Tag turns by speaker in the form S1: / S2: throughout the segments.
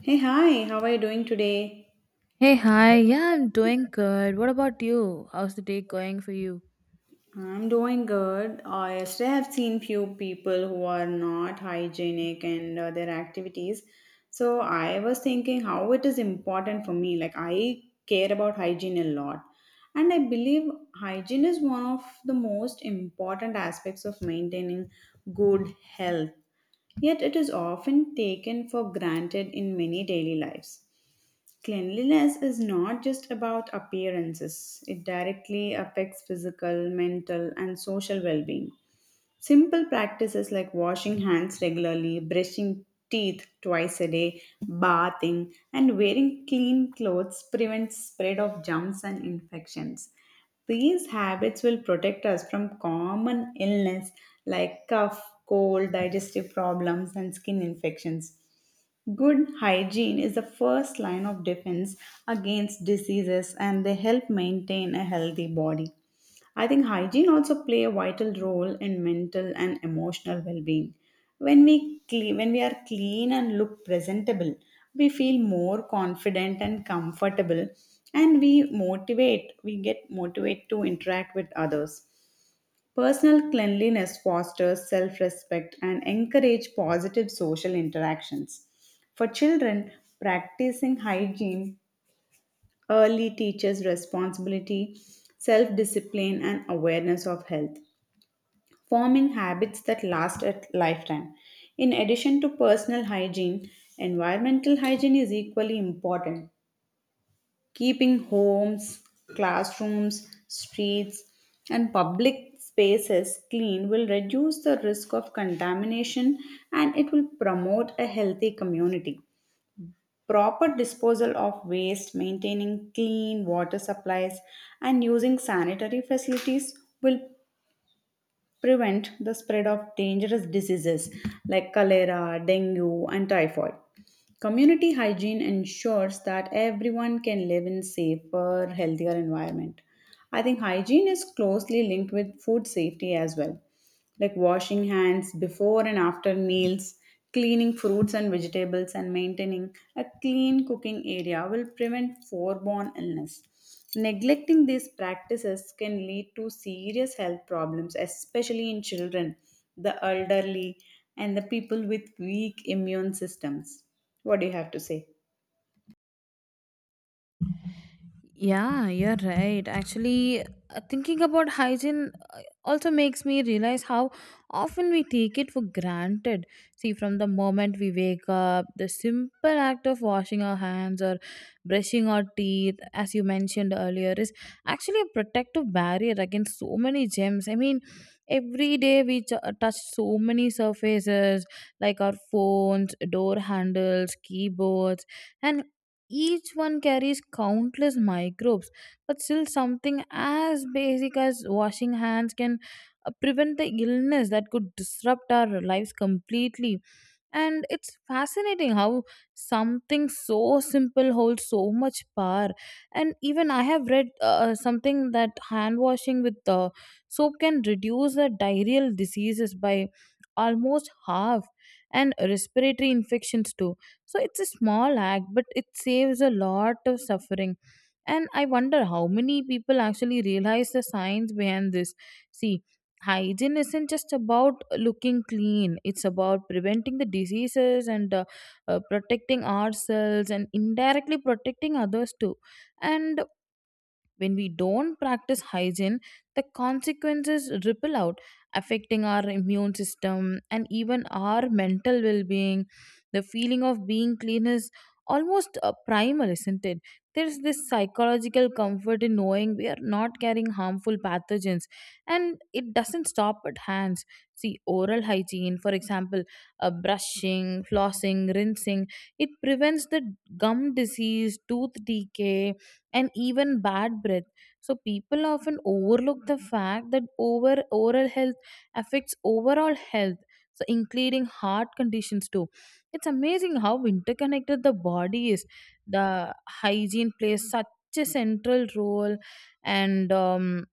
S1: Hey, hi, how are you doing today?
S2: Hey, hi. Yeah, I'm doing good. What about you? How's the day going for you?
S1: I'm doing good. I yesterday have seen few people who are not hygienic and their activities. So I was thinking how it is important for me. Like I care about hygiene a lot. And I believe hygiene is one of the most important aspects of maintaining good health. Yet it is often taken for granted in many daily lives. Cleanliness is not just about appearances, it directly affects physical, mental, and social well being. Simple practices like washing hands regularly, brushing teeth twice a day, bathing, and wearing clean clothes prevent spread of germs and infections. These habits will protect us from common illness like cough, cold, digestive problems, and skin infections. Good hygiene is the first line of defense against diseases and they help maintain a healthy body. I think hygiene also play a vital role in mental and emotional well-being. When we clean, when we are clean and look presentable, we feel more confident and comfortable and we motivate, we get motivated to interact with others. Personal cleanliness fosters self respect and encourages positive social interactions. For children, practicing hygiene early teaches responsibility, self discipline, and awareness of health, forming habits that last a lifetime. In addition to personal hygiene, environmental hygiene is equally important keeping homes, classrooms, streets, and public spaces clean will reduce the risk of contamination and it will promote a healthy community. Proper disposal of waste, maintaining clean water supplies, and using sanitary facilities will prevent the spread of dangerous diseases like cholera, dengue, and typhoid. Community hygiene ensures that everyone can live in safer, healthier environment. I think hygiene is closely linked with food safety as well like washing hands before and after meals, cleaning fruits and vegetables, and maintaining a clean cooking area will prevent foreborn illness. Neglecting these practices can lead to serious health problems, especially in children, the elderly, and the people with weak immune systems. What do you have to say?
S2: Yeah, you're right. Actually, thinking about hygiene also makes me realize how often we take it for granted. See, from the moment we wake up, the simple act of washing our hands or brushing our teeth, as you mentioned earlier, is actually a protective barrier against so many germs. I mean, every day we touch so many surfaces like our phones, door handles, keyboards, and each one carries countless microbes, but still, something as basic as washing hands can prevent the illness that could disrupt our lives completely. And it's fascinating how something so simple holds so much power. And even I have read something that hand washing with soap can reduce the diarrheal diseases by almost half, and respiratory infections too. So it's a small act, but it saves a lot of suffering, and I wonder how many people actually realize the science behind this. See, hygiene isn't just about looking clean, it's about preventing the diseases, and protecting ourselves and indirectly protecting others too. And when we don't practice hygiene, the consequences ripple out, affecting our immune system and even our mental well being. The feeling of being clean is almost primal, isn't it? There's this psychological comfort in knowing we are not carrying harmful pathogens, and it doesn't stop at hands. See, oral hygiene, for example, brushing, flossing, rinsing, it prevents the gum disease, tooth decay, and even bad breath. So people often overlook the fact that over oral health affects overall health. So including heart conditions too. It's amazing how interconnected the body is. The hygiene plays such a central role and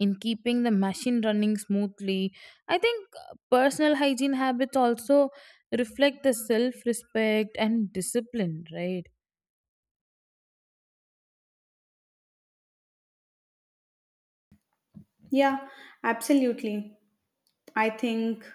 S2: in keeping the machine running smoothly. I think personal hygiene habits also reflect the self respect and discipline, right?
S1: Yeah, absolutely. I think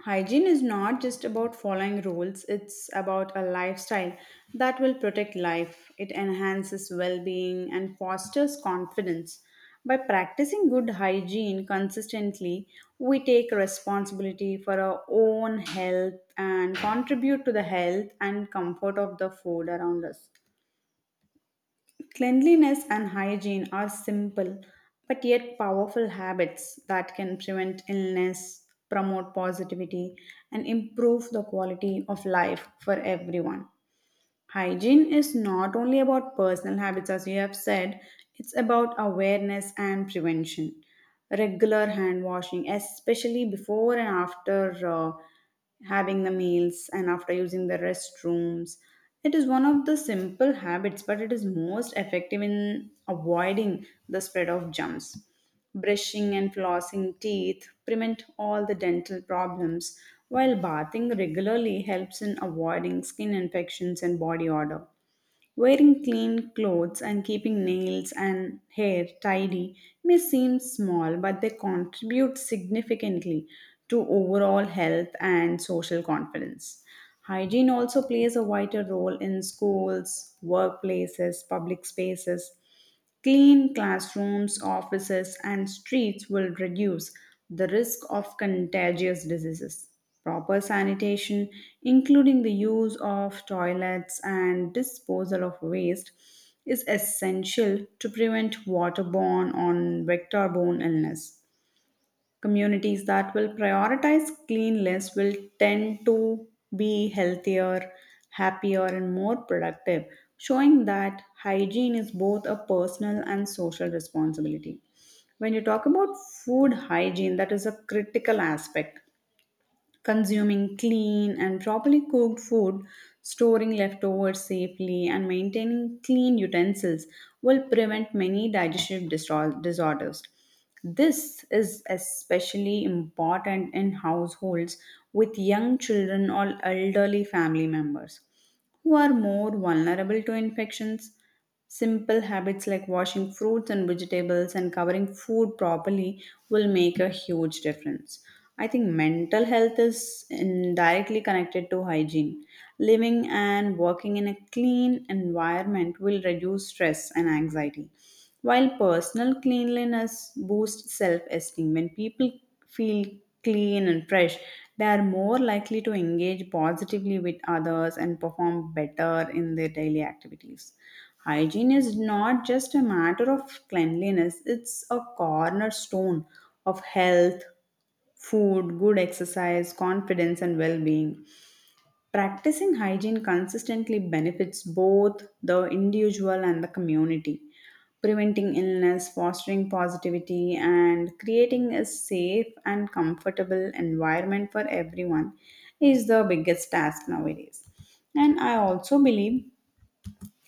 S1: hygiene is not just about following rules, it's about a lifestyle that will protect life. It enhances well being and fosters confidence. By practicing good hygiene consistently, we take responsibility for our own health and contribute to the health and comfort of the food around us. Cleanliness and hygiene are simple but yet powerful habits that can prevent illness, promote positivity, and improve the quality of life for everyone. Hygiene is not only about personal habits, as you have said, it's about awareness and prevention. Regular hand washing, especially before and after having the meals and after using the restrooms. It is one of the simple habits, but it is most effective in avoiding the spread of germs. Brushing and flossing teeth prevent all the dental problems, while bathing regularly helps in avoiding skin infections and body odor. Wearing clean clothes and keeping nails and hair tidy may seem small, but they contribute significantly to overall health and social confidence. Hygiene also plays a vital role in schools, workplaces, public spaces. Clean classrooms, offices, and streets will reduce the risk of contagious diseases. Proper sanitation, including the use of toilets and disposal of waste, is essential to prevent waterborne or vector-borne illness. Communities that will prioritize cleanliness will tend to be healthier, happier, and more productive, showing that hygiene is both a personal and social responsibility. When you talk about food hygiene, that is a critical aspect consuming clean and properly cooked food, storing leftovers safely, and maintaining clean utensils will prevent many disorders. This is especially important in households with young children or elderly family members who are more vulnerable to infections. Simple habits like washing fruits and vegetables and covering food properly will make a huge difference. I think mental health is indirectly connected to hygiene. Living and working in a clean environment will reduce stress and anxiety. While personal cleanliness boosts self esteem, when people feel clean and fresh, they are more likely to engage positively with others and perform better in their daily activities. Hygiene is not just a matter of cleanliness, it's a cornerstone of health, food, good exercise, confidence, and well being. Practicing hygiene consistently benefits both the individual and the community, preventing illness, fostering positivity, and creating a safe and comfortable environment for everyone is the biggest task nowadays. And I also believe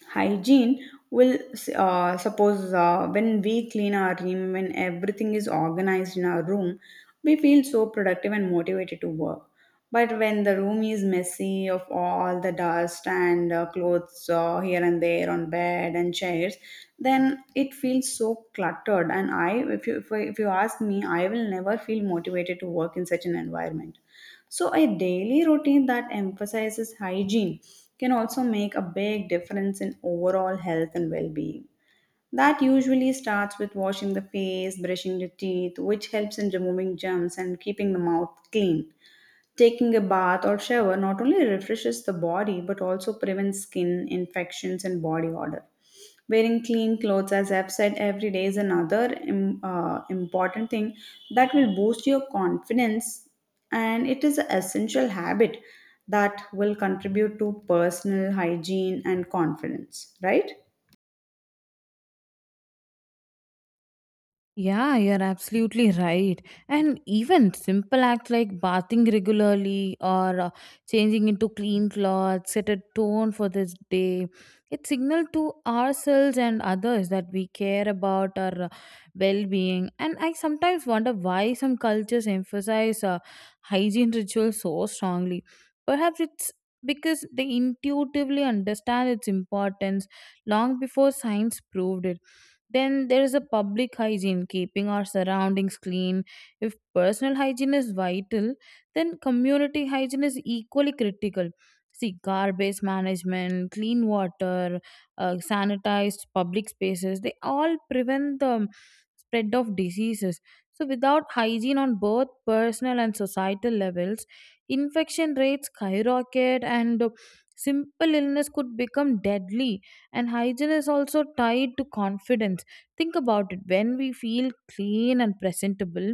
S1: hygiene will suppose when we clean our room when everything is organized in our room we feel so productive and motivated to work but when the room is messy of all the dust and clothes here and there on bed and chairs then it feels so cluttered and I if you ask me I will never feel motivated to work in such an environment so, a daily routine that emphasizes hygiene can also make a big difference in overall health and well being. That usually starts with washing the face, brushing the teeth, which helps in removing germs and keeping the mouth clean. Taking a bath or shower not only refreshes the body but also prevents skin infections and body odor. Wearing clean clothes, as I've said, every day is another important thing that will boost your confidence, and it is an essential habit that will contribute to personal hygiene and confidence, right?
S2: Yeah, you're absolutely right. And even simple acts like bathing regularly or changing into clean clothes set a tone for this day. It signals to ourselves and others that we care about our well-being. And I sometimes wonder why some cultures emphasize hygiene rituals so strongly. Perhaps it's because they intuitively understand its importance long before science proved it. Then there is a public hygiene, keeping our surroundings clean. If personal hygiene is vital, then community hygiene is equally critical. See, garbage management, clean water, sanitized public spaces, they all prevent the spread of diseases. So, without hygiene on both personal and societal levels, infection rates skyrocket, and simple illness could become deadly. And hygiene is also tied to confidence. Think about it, when we feel clean and presentable,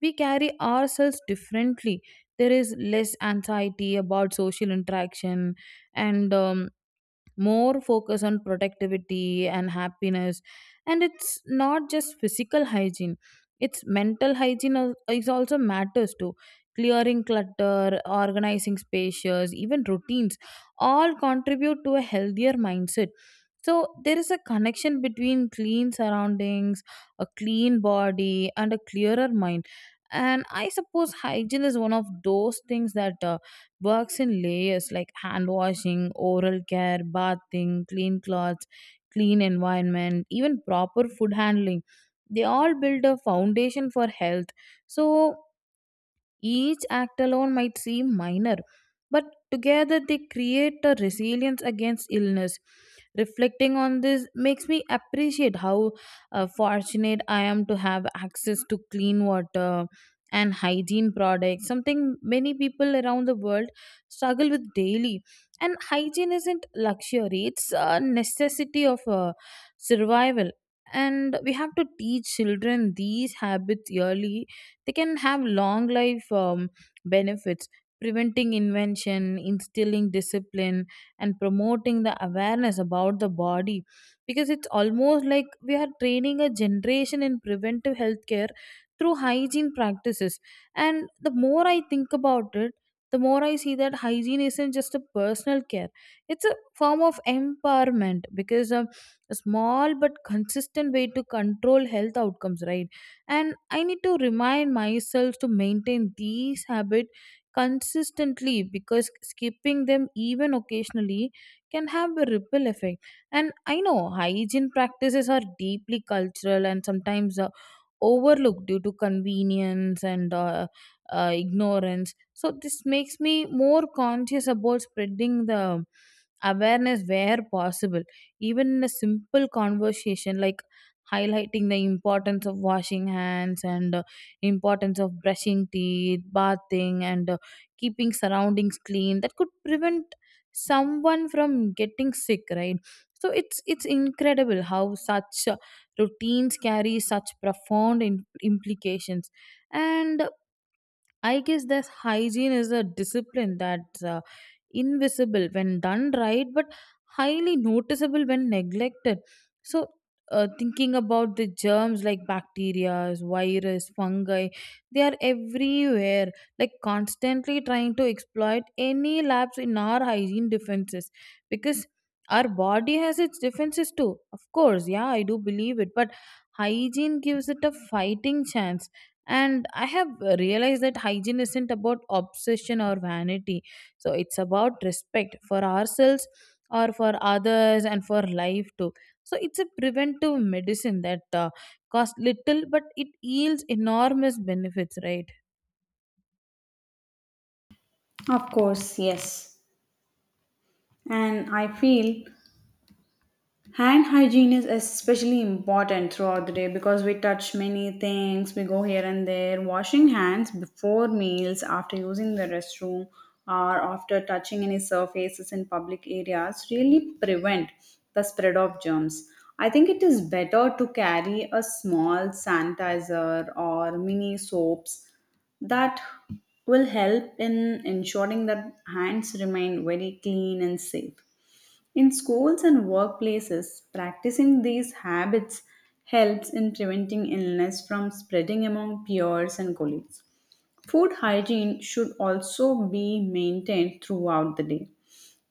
S2: we carry ourselves differently. There is less anxiety about social interaction and more focus on productivity and happiness. And it's not just physical hygiene, it's mental hygiene is also matters too. Clearing clutter, organizing spaces, even routines all contribute to a healthier mindset. So there is a connection between clean surroundings, a clean body, and a clearer mind. And I suppose hygiene is one of those things that works in layers, like hand washing, oral care, bathing, clean clothes, clean environment, even proper food handling. They all build a foundation for health. So each act alone might seem minor, but together they create a resilience against illness. Reflecting on this makes me appreciate how fortunate I am to have access to clean water and hygiene products, something many people around the world struggle with daily. And hygiene isn't luxury, it's a necessity of survival. And we have to teach children these habits early, they can have long life benefits, preventing invention, instilling discipline, and promoting the awareness about the body, because it's almost like we are training a generation in preventive healthcare through hygiene practices. And the more I think about it, the more I see that hygiene isn't just a personal care, it's a form of empowerment because a small but consistent way to control health outcomes, right? And I need to remind myself to maintain these habits consistently, because skipping them even occasionally can have a ripple effect. And I know hygiene practices are deeply cultural and sometimes overlooked due to convenience and ignorance, so this makes me more conscious about spreading the awareness where possible, even in a simple conversation like highlighting the importance of washing hands and importance of brushing teeth, bathing, and keeping surroundings clean, that could prevent someone from getting sick, right? So it's incredible how such routines carry such profound implications. And I guess that hygiene is a discipline that's invisible when done right, but highly noticeable when neglected. So, thinking about the germs like bacteria, virus, fungi, they are everywhere, like constantly trying to exploit any lapse in our hygiene defenses, because our body has its defenses too. Of course, yeah, I do believe it, but hygiene gives it a fighting chance. And I have realized that hygiene isn't about obsession or vanity, so it's about respect for ourselves or for others and for life too. So it's a preventive medicine that costs little, but it yields enormous benefits, right?
S1: Of course, yes. And I feel hand hygiene is especially important throughout the day because we touch many things, we go here and there. Washing hands before meals, after using the restroom, or after touching any surfaces in public areas really prevent the spread of germs. I think it is better to carry a small sanitizer or mini soaps that will help in ensuring that hands remain very clean and safe. In schools and workplaces, practicing these habits helps in preventing illness from spreading among peers and colleagues. Food hygiene should also be maintained throughout the day.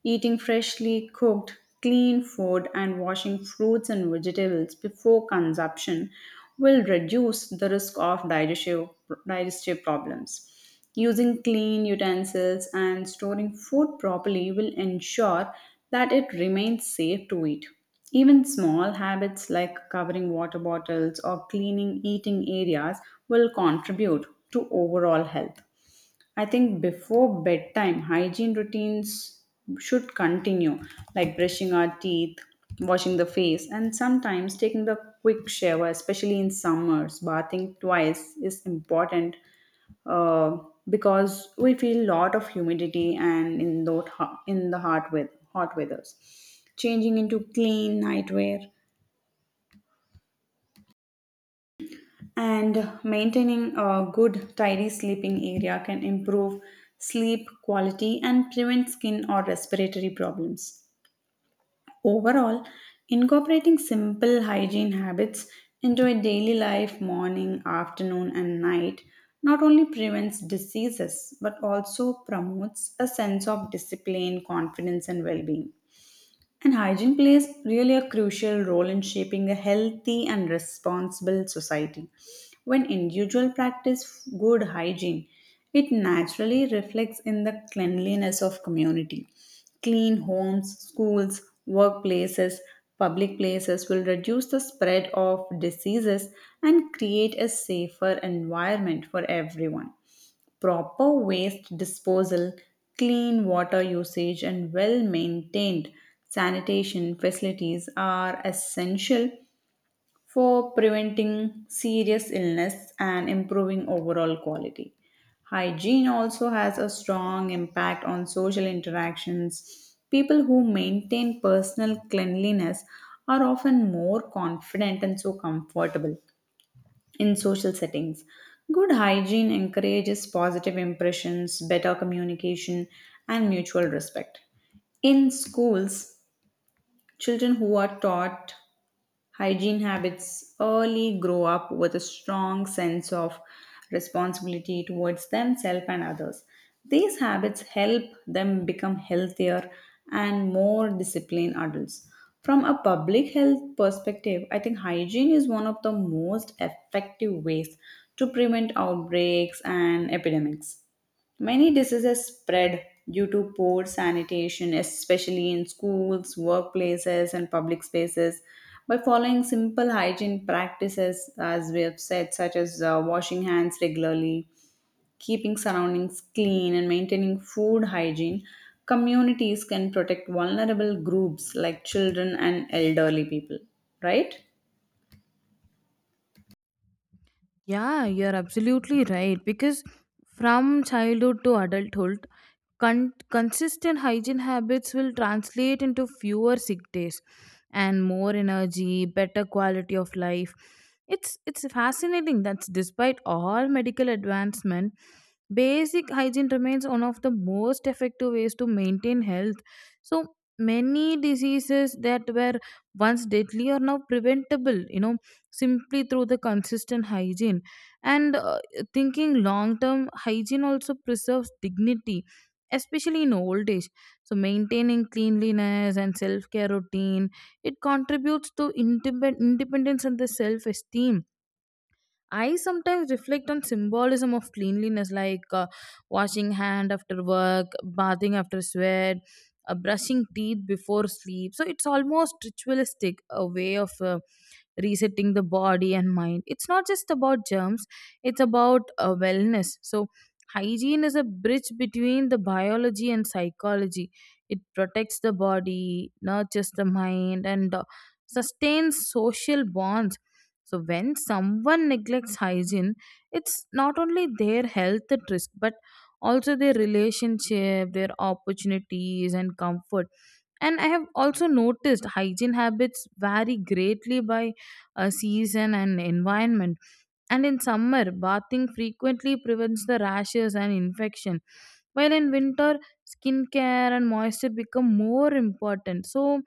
S1: Eating freshly cooked, clean food and washing fruits and vegetables before consumption will reduce the risk of digestive problems. Using clean utensils and storing food properly will ensure that it remains safe to eat. Even small habits like covering water bottles or cleaning eating areas will contribute to overall health. I think before bedtime, hygiene routines should continue, like brushing our teeth, washing the face, and sometimes taking the quick shower, especially in summers. Bathing twice is important uh, because we feel a lot of humidity and in the hot, weather, hot weathers. Changing into clean nightwear and maintaining a good, tidy sleeping area can improve sleep quality and prevent skin or respiratory problems. Overall, incorporating simple hygiene habits into a daily life, morning, afternoon, and night, not only prevents diseases but also promotes a sense of discipline, confidence, and well being. And hygiene plays really a crucial role in shaping a healthy and responsible society. When individuals practice good hygiene, it naturally reflects in the cleanliness of community. Clean homes, schools, workplaces, public places will reduce the spread of diseases and create a safer environment for everyone proper waste disposal, clean water usage, and well maintained sanitation facilities are essential for preventing serious illness and improving overall quality. Hygiene also has a strong impact on social interactions. People who maintain personal cleanliness are often more confident and so comfortable in social settings. Good hygiene encourages positive impressions, better communication, and mutual respect. In schools, children who are taught hygiene habits early grow up with a strong sense of responsibility towards themselves and others. These habits help them become healthier and more disciplined adults. From a public health perspective, I think hygiene is one of the most effective ways to prevent outbreaks and epidemics. Many diseases spread due to poor sanitation, especially in schools, workplaces, and public spaces. By following simple hygiene practices, as we have said, such as washing hands regularly, keeping surroundings clean, and maintaining food hygiene, communities can protect vulnerable groups like children and elderly people, right?
S2: Yeah, you're absolutely right. Because from childhood to adulthood, consistent hygiene habits will translate into fewer sick days and more energy, better quality of life. It's fascinating that despite all medical advancement, basic hygiene remains one of the most effective ways to maintain health. So many diseases that were once deadly are now preventable. You know, simply through the consistent hygiene, and thinking long term, hygiene also preserves dignity, especially in old age. So maintaining cleanliness and self care routine, it contributes to independence and the self esteem. I sometimes reflect on symbolism of cleanliness, like washing hand after work, bathing after sweat, brushing teeth before sleep. So it's almost ritualistic, a way of resetting the body and mind. It's not just about germs; it's about wellness. So hygiene is a bridge between the biology and psychology. It protects the body, nurtures the mind, and sustains social bonds. So when someone neglects hygiene, it's not only their health at risk, but also their relationship, their opportunities, and comfort. And I have also noticed hygiene habits vary greatly by season and environment. And in summer, bathing frequently prevents the rashes and infection. While in winter, skincare and moisture become more important. So,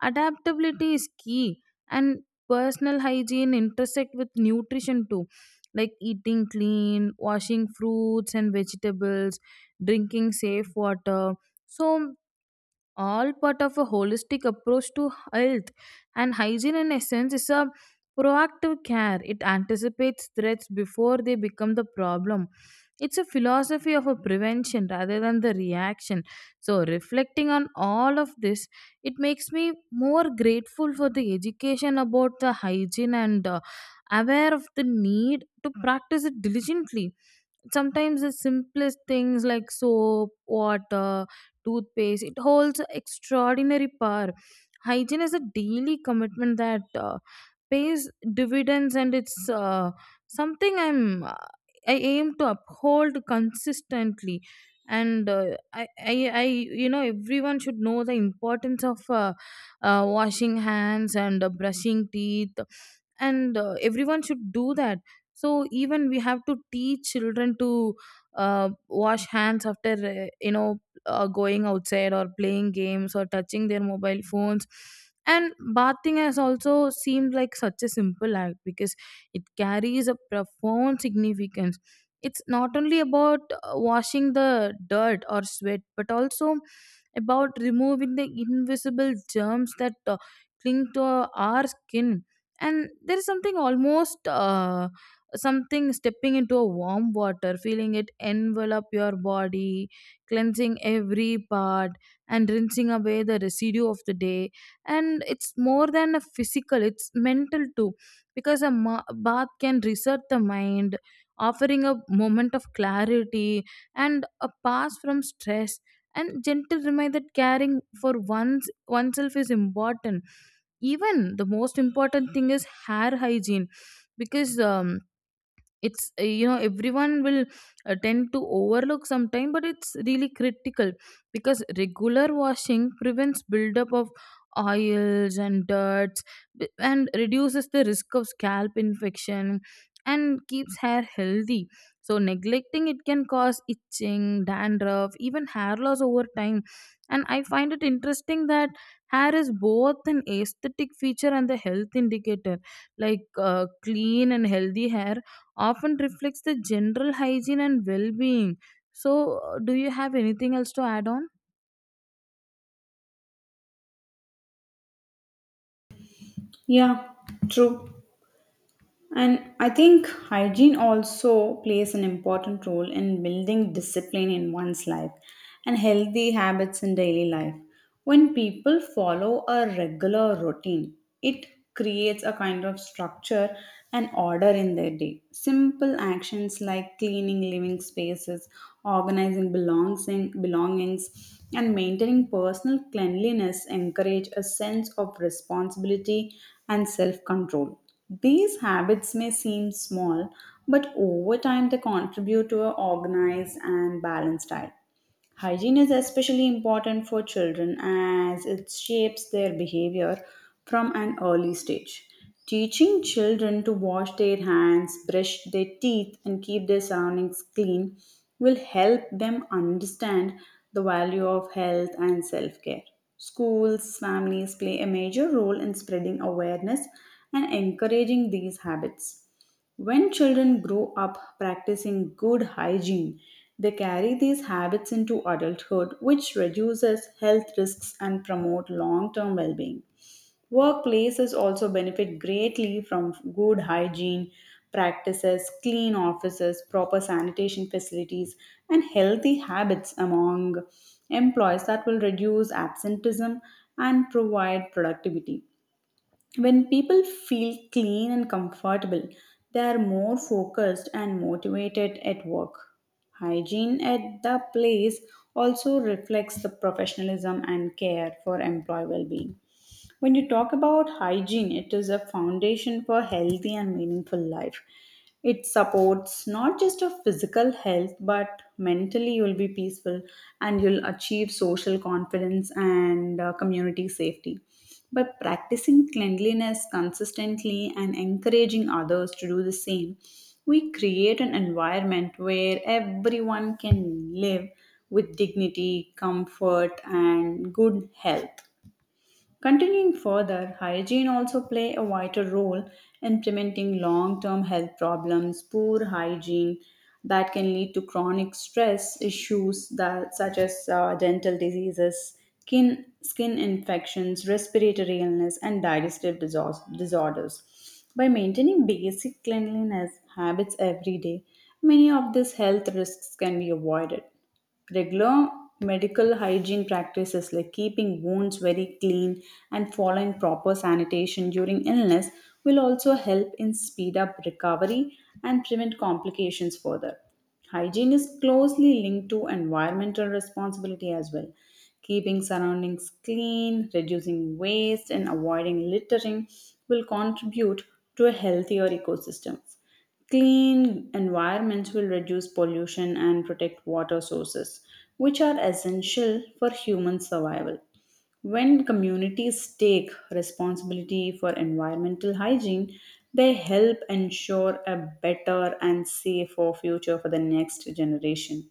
S2: adaptability is key, and personal hygiene intersect with nutrition too, like eating clean, washing fruits and vegetables, drinking safe water. So, all part of a holistic approach to health. And hygiene in essence is a proactive care, it anticipates threats before they become the problem. It's a philosophy of a prevention rather than the reaction. So reflecting on all of this, it makes me more grateful for the education about the hygiene and aware of the need to practice it diligently. Sometimes the simplest things like soap, water, toothpaste, it holds extraordinary power. Hygiene is a daily commitment that pays dividends, and it's something I'm I aim to uphold consistently. And everyone should know the importance of washing hands and brushing teeth, and everyone should do that. So even we have to teach children to wash hands after going outside or playing games or touching their mobile phones. And bathing has also seemed like such a simple act, because it carries a profound significance. It's not only about washing the dirt or sweat, but also about removing the invisible germs that cling to our skin. And there is something almost something stepping into a warm water, feeling it envelop your body, cleansing every part and rinsing away the residue of the day. And it's more than a physical, it's mental too, because bath can reset the mind, offering a moment of clarity and a pass from stress and gentle reminder that caring for one's oneself is important. Even the most important thing is hair hygiene, because it's you know everyone will tend to overlook sometime, but it's really critical, because regular washing prevents buildup of oils and dirts, and reduces the risk of scalp infection and keeps hair healthy. So neglecting it can cause itching, dandruff, even hair loss over time. And I find it interesting that hair is both an aesthetic feature and the health indicator, like clean and healthy hair often reflects the general hygiene and well being. So, do you have anything else to add on?
S1: Yeah, true. And I think hygiene also plays an important role in building discipline in one's life and healthy habits in daily life. When people follow a regular routine, it creates a kind of structure and order in their day. Simple actions like cleaning living spaces, belongings, and maintaining personal cleanliness encourage a sense of responsibility and self control. These habits may seem small, but over time they contribute to an organized and balanced diet. Hygiene is especially important for children as it shapes their behavior from an early stage. Teaching children to wash their hands, brush their teeth, and keep their surroundings clean will help them understand the value of health and self care. Schools, families play a major role in spreading awareness and encouraging these habits. When children grow up practicing good hygiene, they carry these habits into adulthood, which reduces health risks and promote long-term well-being. Workplaces also benefit greatly from good hygiene practices, clean offices, proper sanitation facilities, and healthy habits among employees that will reduce absenteeism and provide productivity. When people feel clean and comfortable, they are more focused and motivated at work. Hygiene at the place also reflects the professionalism and care for employee well being. When you talk about hygiene, it is a foundation for healthy and meaningful life. It supports not just your physical health, but mentally you'll be peaceful and you'll achieve social confidence and community safety. By practicing cleanliness consistently and encouraging others to do the same, we create an environment where everyone can live with dignity, comfort, and good health. Continuing further, hygiene also play a vital role in preventing long-term health problems. Poor hygiene that can lead to chronic stress issues that such as dental diseases, skin infections, respiratory illness, and disorders. By maintaining basic cleanliness habits every day, many of these health risks can be avoided. Regular medical hygiene practices like keeping wounds very clean and following proper sanitation during illness will also help in speed up recovery and prevent complications further. Hygiene is closely linked to environmental responsibility as well. Keeping surroundings clean, reducing waste, and avoiding littering will contribute to a healthier ecosystem. Clean environments will reduce pollution and protect water sources, which are essential for human survival. When communities take responsibility for environmental hygiene, they help ensure a better and safer future for the next generation.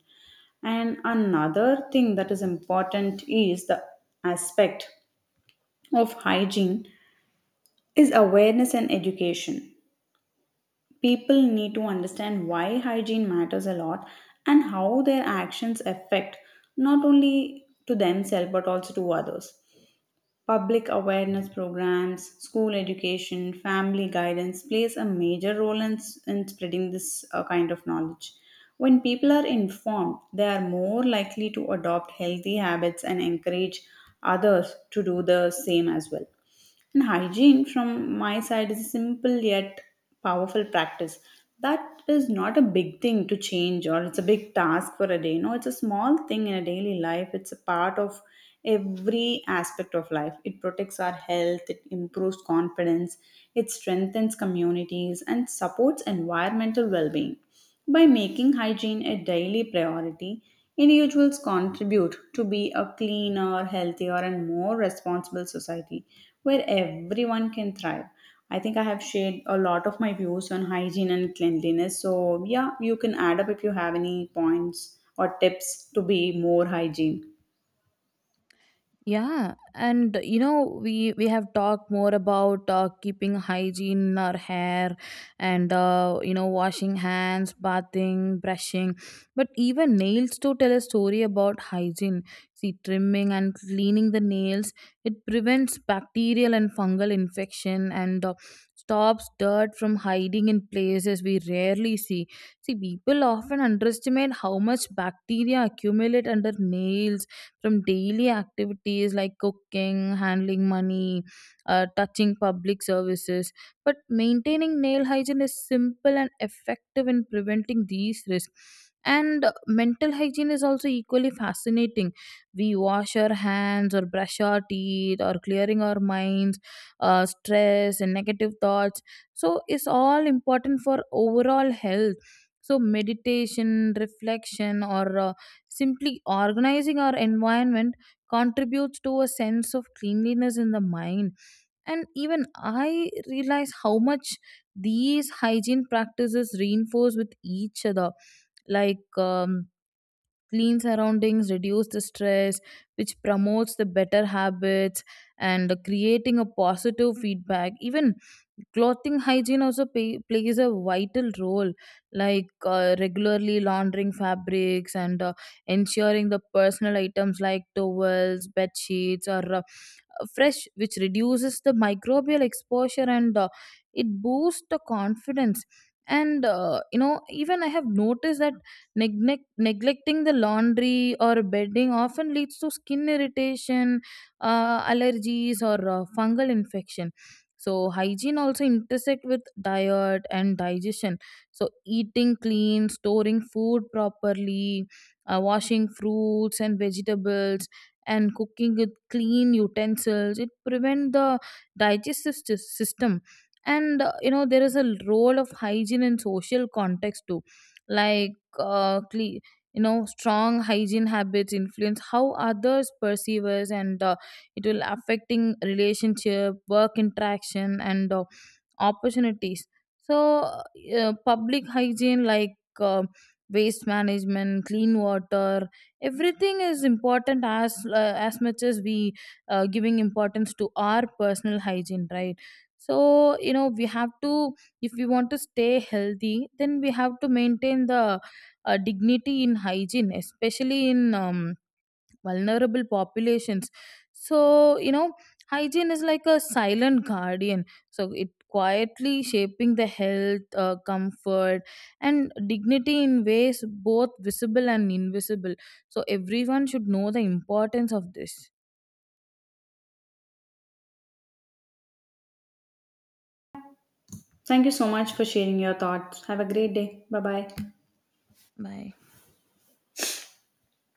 S1: And another thing that is important is the aspect of hygiene is awareness and education people need to understand why hygiene matters a lot and how their actions affect not only to themselves but also to others. Public awareness programs, school education, family guidance plays a major role in spreading this kind of knowledge. When people are informed, they are more likely to adopt healthy habits and encourage others to do the same as well. And hygiene from my side is a simple yet powerful practice. That is not a big thing to change or it's a big task for a day. No, it's a small thing in a daily life. It's a part of every aspect of life. It protects our health, it improves confidence, it strengthens communities, and supports environmental well being. By making hygiene a daily priority, individuals contribute to be a cleaner, healthier, and more responsible society where everyone can thrive. I think I have shared a lot of my views on hygiene and cleanliness. So, yeah, you can add up if you have any points or tips to be more hygiene.
S2: Yeah, and you know we have talked more about keeping hygiene in our hair, and washing hands, bathing, brushing, but even nails to tell a story about hygiene. See, trimming and cleaning the nails, it prevents bacterial and fungal infection and stops dirt from hiding in places we rarely see. See, people often underestimate how much bacteria accumulate under nails from daily activities like cooking, handling money, touching public services. But maintaining nail hygiene is simple and effective in preventing these risks. And mental hygiene is also equally fascinating. We wash our hands or brush our teeth or clearing our minds, stress and negative thoughts. So it's all important for overall health. So meditation, reflection, or simply organizing our environment contributes to a sense of cleanliness in the mind. And even I realize how much these hygiene practices reinforce with each other. Like, clean surroundings reduce the stress, which promotes the better habits and creating a positive feedback. Even clothing hygiene also plays a vital role, like regularly laundering fabrics and ensuring the personal items like towels, bed sheets, or fresh, which reduces the microbial exposure and it boosts the confidence. And even I have noticed that neglecting the laundry or bedding often leads to skin irritation, allergies, or fungal infection. So hygiene also intersect with diet and digestion. So eating clean, storing food properly, washing fruits and vegetables and cooking with clean utensils, it prevent the system. And there is a role of hygiene in social context too, like uh, cle- strong hygiene habits influence how others perceive us, and it will affecting relationship, work interaction, and opportunities. So public hygiene like uh, waste management, clean water, everything is important as much as we giving importance to our personal hygiene, right? So you know we have to, if we want to stay healthy, then we have to maintain the dignity in hygiene, especially in vulnerable populations. So, you know, hygiene is like a silent guardian. So, it quietly shaping the health, comfort, and dignity in ways both visible and invisible. So, everyone should know the importance of this.
S1: Thank you so much for sharing your thoughts. Have a great day. Bye bye.
S2: Bye.